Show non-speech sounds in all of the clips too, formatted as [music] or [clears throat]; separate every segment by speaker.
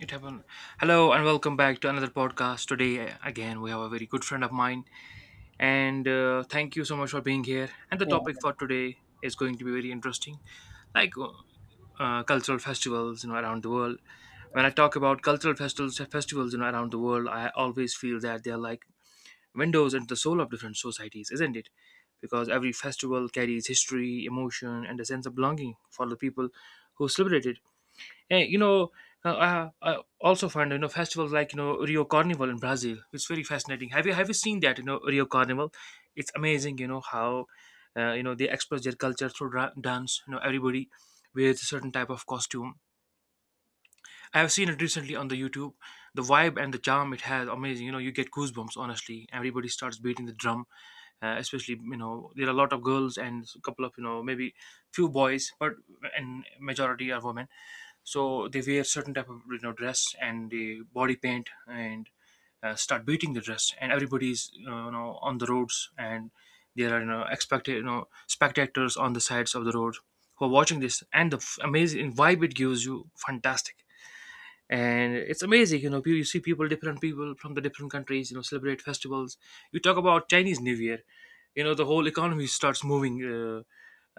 Speaker 1: It happened. Hello and welcome back to another podcast. Today, again, we have a very good friend of mine, and thank you so much for being here. And the topic for today is going to be very interesting, like cultural festivals, you know, around the world. When I talk about cultural festivals, festivals, you know, around the world, I always feel that they are like windows into the soul of different societies, isn't it? Because every festival carries history, emotion, and a sense of belonging for the people who celebrate it. Hey, you know, I also find you know festivals like you know Rio Carnival in Brazil. It's very fascinating. Have you seen that? You know, Rio Carnival. It's amazing. You know how you know they express their culture through dance. You know everybody wears a certain type of costume. I have seen it recently on the YouTube. The vibe and the charm it has, amazing. You know, you get goosebumps. Honestly, everybody starts beating the drum. Especially, you know, there are a lot of girls and a couple of, you know, maybe few boys, but and majority are women. So they wear certain type of you know dress and they body paint and start beating the dress. And everybody's you know on the roads and there are you know expected you know spectators on the sides of the road who are watching this and the amazing vibe it gives you, fantastic. And it's amazing, you know, you see people, different people from the different countries, you know, celebrate festivals. You talk about Chinese New Year, you know the whole economy starts moving, uh,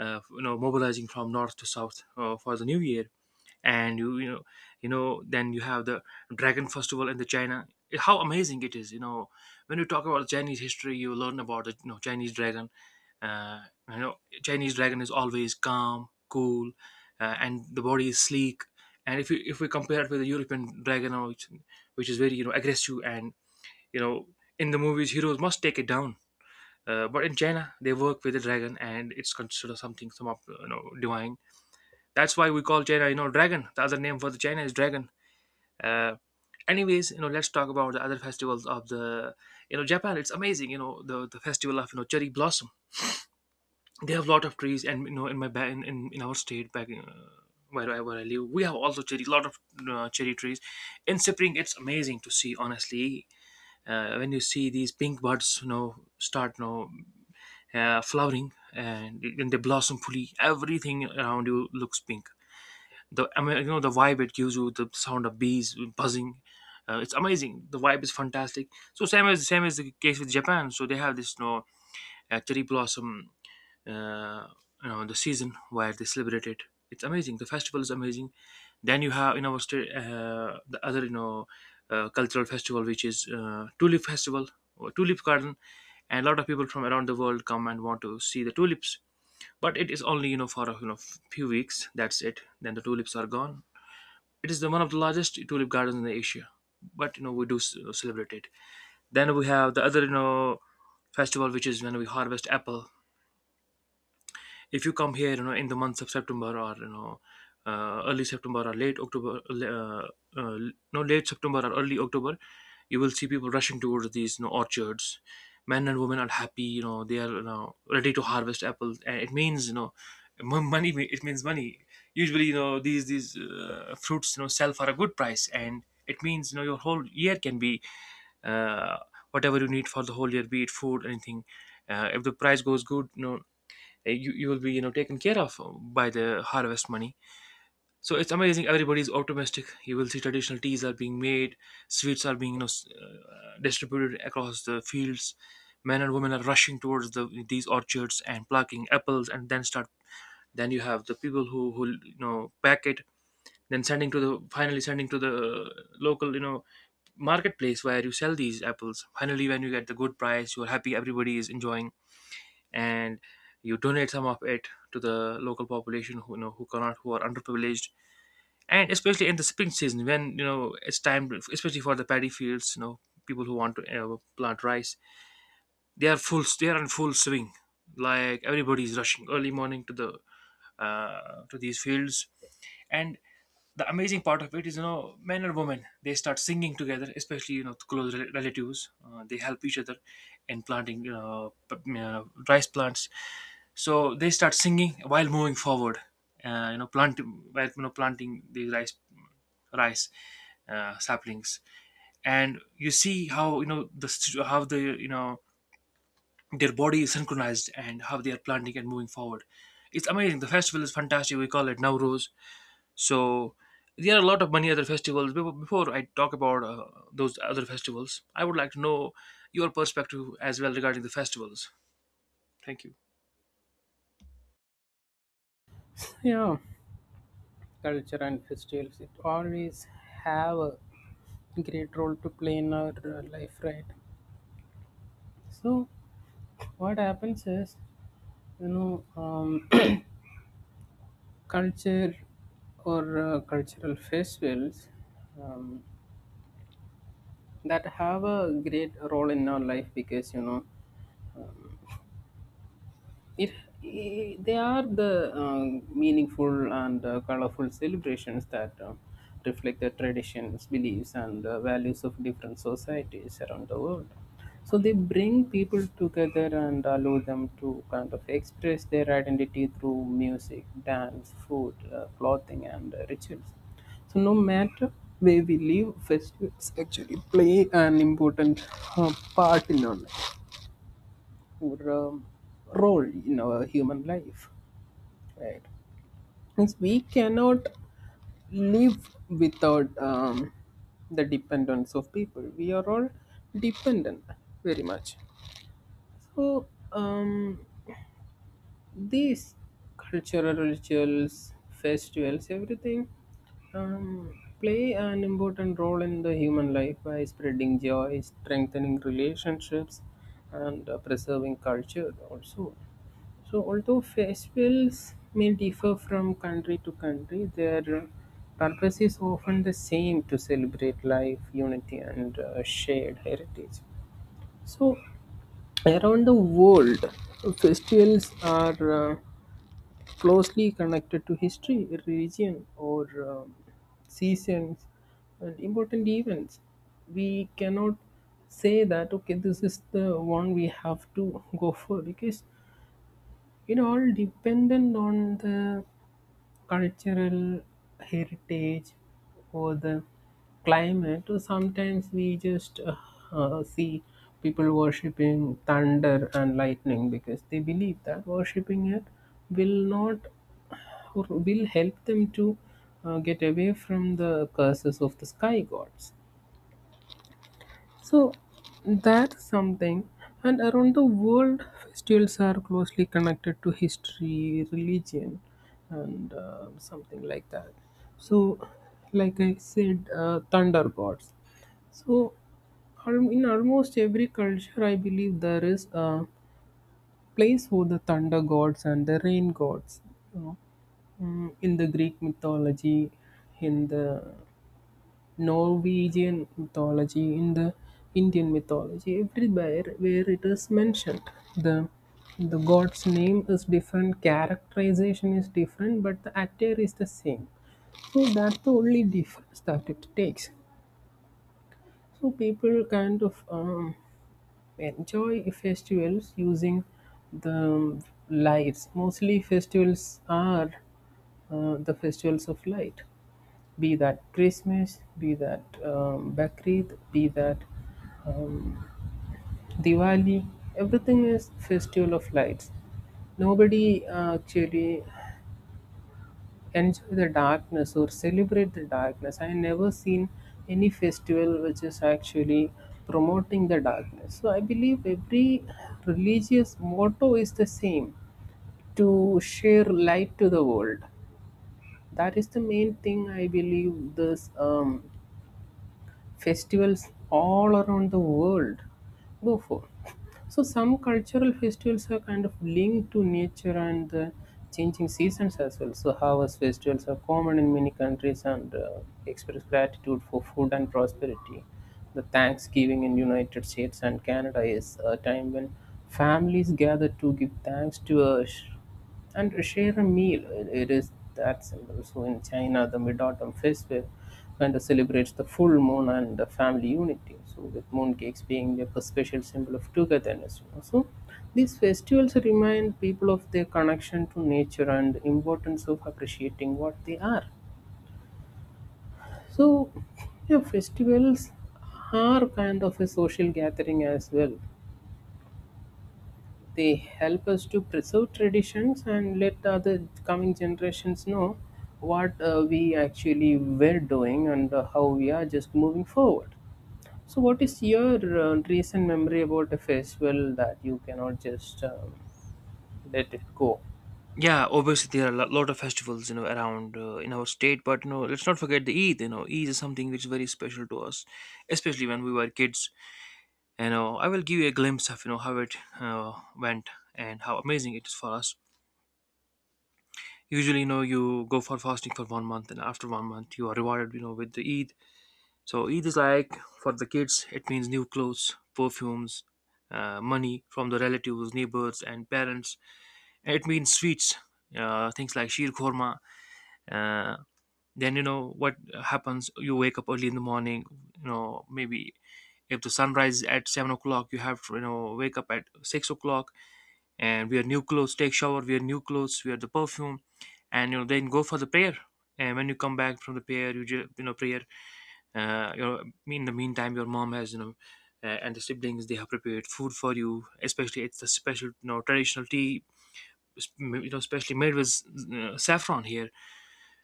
Speaker 1: uh, you know, mobilizing from north to south for the new year. And you know, you know, then you have the dragon festival in the China. How amazing it is, you know. When you talk about Chinese history, you learn about the, you know, Chinese dragon. uh, you know, Chinese dragon is always calm, cool, and the body is sleek. And if you, if we compare it with the European dragon, which is very, you know, aggressive and, you know, in the movies heroes must take it down. But in China they work with the dragon and it's considered something, some of, you know, divine. That's why we call China, you know, dragon. The other name for the China is dragon. Uh, anyways, you know, let's talk about the other festivals of the, you know, Japan. It's amazing, you know, the festival of you know cherry blossom. They have a lot of trees, and you know, in my in, in our state back. In, where I live, we have also cherry, lot of cherry trees. In spring, it's amazing to see. Honestly, when you see these pink buds, you know, start, you know, flowering and they blossom fully, everything around you looks pink. The, I mean, you know, the vibe it gives you, the sound of bees buzzing, it's amazing, the vibe is fantastic. So same as the case with Japan, so they have this, you know, cherry blossom, uh, you know, the season where they celebrate it. It's amazing, the festival is amazing. Then you have in our state the other, you know, cultural festival, which is tulip festival or tulip garden. And a lot of people from around the world come and want to see the tulips, but it is only, you know, for a, you know, few weeks, that's it, then the tulips are gone. It is the one of the largest tulip gardens in Asia, but you know we do celebrate it. Then we have the other, you know, festival, which is when we harvest apple. If you come here, you know, in the months of September, or, you know, early September or late October, uh, no, late September or early October, you will see people rushing towards these, you know, orchards. Men and women are happy, you know, they are, you know, ready to harvest apples and it means, you know, money, it means money. Usually, you know, these fruits, you know, sell for a good price and it means, you know, your whole year can be, uh, whatever you need for the whole year, be it food, anything, if the price goes good, you know, you will be, you know, taken care of by the harvest money. So it's amazing, everybody's optimistic, you will see traditional teas are being made, sweets are being, you know, distributed across the fields. Men and women are rushing towards the, these orchards and plucking apples and then start, then you have the people who you know pack it, then sending to the, finally sending to the local, you know, marketplace where you sell these apples, finally when you get the good price you're happy, everybody is enjoying. And you donate some of it to the local population who, you know, who cannot, who are underprivileged. And especially in the spring season, when, you know, it's time, especially for the paddy fields, you know, people who want to plant rice, they are full, they are in full swing, like everybody is rushing early morning to the to these fields. And the amazing part of it is, you know, men and women, they start singing together, especially, you know, close relatives, they help each other in planting, you know, rice plants. So they start singing while moving forward, you know, plant, while, you know, planting the rice, rice, saplings. And you see how, you know, the how the, you know, their body is synchronized and how they are planting and moving forward. It's amazing, the festival is fantastic, we call it Nowruz. So there are a lot of many other festivals. Before I talk about those other festivals, I would like to know your perspective as well regarding the festivals. Thank you.
Speaker 2: Yeah, yeah, culture and festivals, it always have a great role to play in our life, right? So what happens is, you know um, [coughs] [clears throat] culture or cultural festivals um, that have a great role in our life, because you know it, I they are the meaningful and colorful celebrations that reflect the traditions, beliefs, and values of different societies around the world. So they bring people together and allow them to kind of express their identity through music, dance, food, clothing, and rituals. So no matter where we live, festivals actually play an important part in our life, our role in our human life, right? Means we cannot live without, the dependence of people, we are all dependent very much. So um, these cultural rituals, festivals, everything, um, play an important role in the human life by spreading joy, strengthening relationships, and preserving culture also. So, although festivals may differ from country to country, their purpose is often the same: to celebrate life, unity, and shared heritage. So, around the world, festivals are closely connected to history, religion, or um, seasons and important events. We cannot say that okay, this is the one we have to go for, because it all dependent on the cultural heritage or the climate, or sometimes we just see people worshipping thunder and lightning because they believe that worshipping it will not, or will help them to get away from the curses of the sky gods. So that's something. And around the world, festivals are closely connected to history, religion, and something like that. So, like I said, thunder gods. So, in almost every culture, I believe there is a place for the thunder gods and the rain gods. Mm, in the Greek mythology, in the Norwegian mythology, in the Indian mythology, everywhere where it is mentioned, the the god's name is different, characterization is different, but the actor is the same. So that's the only difference that it takes. So people kind of enjoy festivals using the lights. Mostly festivals are the festivals of light, be that Christmas, be that Bakrid, be that um, Diwali. Everything is festival of lights. Nobody actually enjoy the darkness or celebrate the darkness. I never seen any festival which is actually promoting the darkness. So I believe every religious motto is the same: to share light to the world. That is the main thing I believe this festivals all around the world go for. So some cultural festivals are kind of linked to nature and the changing seasons as well. So harvest festivals are common in many countries and express gratitude for food and prosperity. The Thanksgiving in United States and Canada is a time when families gather to give thanks to a and share a meal, it is that simple. So in China, the Mid-Autumn Festival kind of celebrates the full moon and the family unity, so with mooncakes being like a special symbol of togetherness, you know. So these festivals remind people of their connection to nature and importance of appreciating what they are. So yeah, festivals are kind of a social gathering as well. They help us to preserve traditions and let the other coming generations know what we actually were doing and how we are just moving forward. So, what is your recent memory about a festival that you cannot just let it go?
Speaker 1: Yeah, obviously there are a lot of festivals, you know, around in our state. But you know, let's not forget the Eid. You know, Eid is something which is very special to us, especially when we were kids. You know, I will give you a glimpse of you know how it went and how amazing it is for us. Usually, you know, you go for fasting for 1 month, and after 1 month, you are rewarded, you know, with the Eid. So Eid is like for the kids, it means new clothes, perfumes, money from the relatives, neighbors, and parents. It means sweets, things like sheer korma. Uh, then you know what happens. You wake up early in the morning. You know maybe if the sunrise is at 7 o'clock, you have to you know wake up at 6 o'clock and wear new clothes, take shower, wear new clothes, wear the perfume, and you know then go for the prayer. And when you come back from the prayer, you just you know prayer, you know, in the meantime your mom has, you know, and the siblings, they have prepared food for you, especially it's the special, you know, traditional tea, you know especially made with saffron here.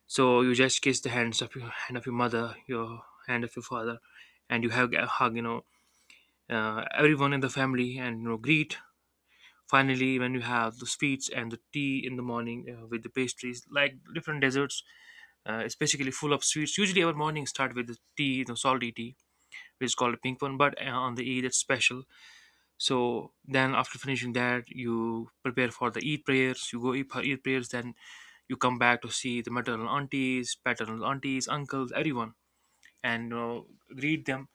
Speaker 1: So you just kiss the hands of your hand of your mother, your hand of your father, and you hug, hug, you know, everyone in the family and you know greet. Finally when you have the sweets and the tea in the morning, with the pastries like different desserts, it's basically full of sweets. Usually our mornings start with the tea, you know, salty tea, which is called a pink one, but on the Eid it's special. So then after finishing that, you prepare for the Eid prayers, you go eat for Eid prayers, then you come back to see the maternal aunties, paternal aunties, uncles, everyone, and you know greet them.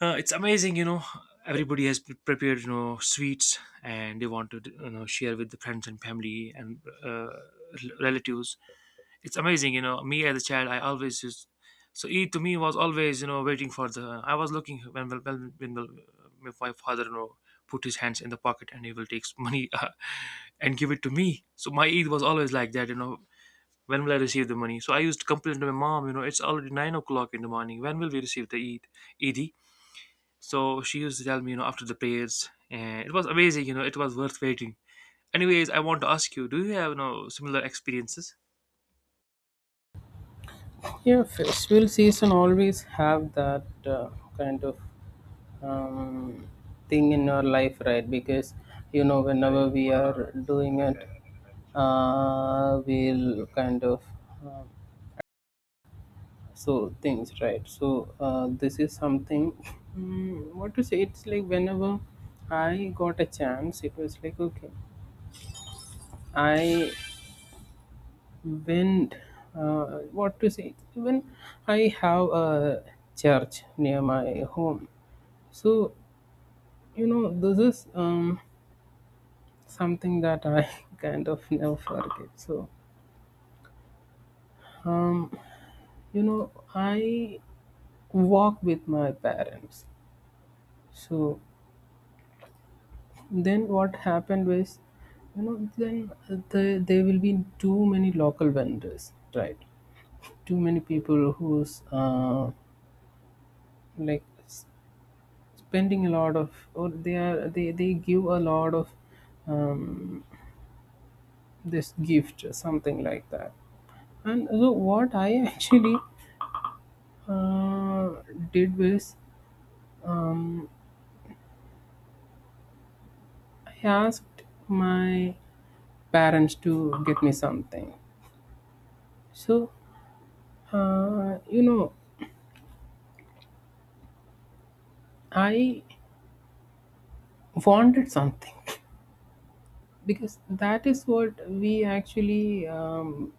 Speaker 1: It's amazing, you know, everybody has prepared, you know, sweets and they want to you know share with the friends and family and relatives. It's amazing, you know, me as a child, I always used. So Eid to me was always, you know, waiting for the, I was looking when when my father, you know, put his hands in the pocket and he will take money [laughs] and give it to me. So my Eid was always like that, you know, when will I receive the money. So I used to complain to my mom, you know, it's already 9 o'clock in the morning, when will we receive the Eid. So she used to tell me, you know, after the prayers, and it was amazing, you know, it was worth waiting. Anyways, I want to ask you, do you have, you know, similar experiences.
Speaker 2: Yeah, festival season always have that kind of um, thing in our life, right? Because you know, whenever we are doing it, we'll kind of uh, so things, right? So this is something. Mm, what to say? It's like whenever I got a chance, it was like okay, I, when, what to say, even I have a church near my home. So you know, this is something that I [laughs] kind of never forget. So um, you know, I walk with my parents. So then what happened was, you know, then there will be too many local vendors, right? Too many people who's like spending a lot of, or they are they give a lot of um, this gift, something like that. And so what I [laughs] actually uh, did was, um, I asked my parents to get me something. So you know, I wanted something [laughs] because that is what we actually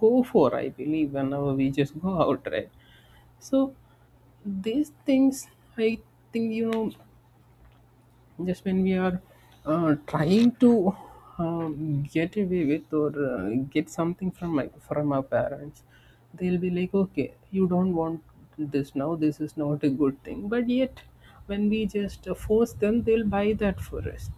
Speaker 2: go for, I believe, whenever we just go out, right? So these things, I think, you know, just when we are trying to get away with, or get something from my, from our parents, they'll be like okay, you don't want this now, this is not a good thing, but yet when we just force them, they'll buy that for us.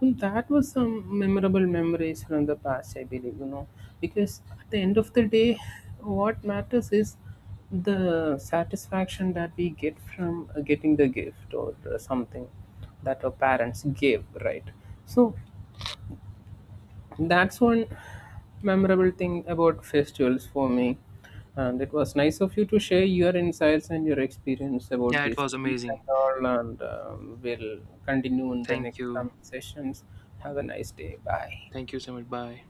Speaker 2: Well, that was some memorable memories from the past, I believe, you know, because at the end of the day, what matters is the satisfaction that we get from getting the gift or something that our parents gave, right? So, that's one memorable thing about festivals for me. And it was nice of you to share your insights and your experience about
Speaker 1: Yeah, it
Speaker 2: these
Speaker 1: was
Speaker 2: things
Speaker 1: amazing.
Speaker 2: and all. And we'll continue in the
Speaker 1: Thank
Speaker 2: next
Speaker 1: you.
Speaker 2: coming sessions. Have a nice day. Bye.
Speaker 1: Thank you so much. Bye.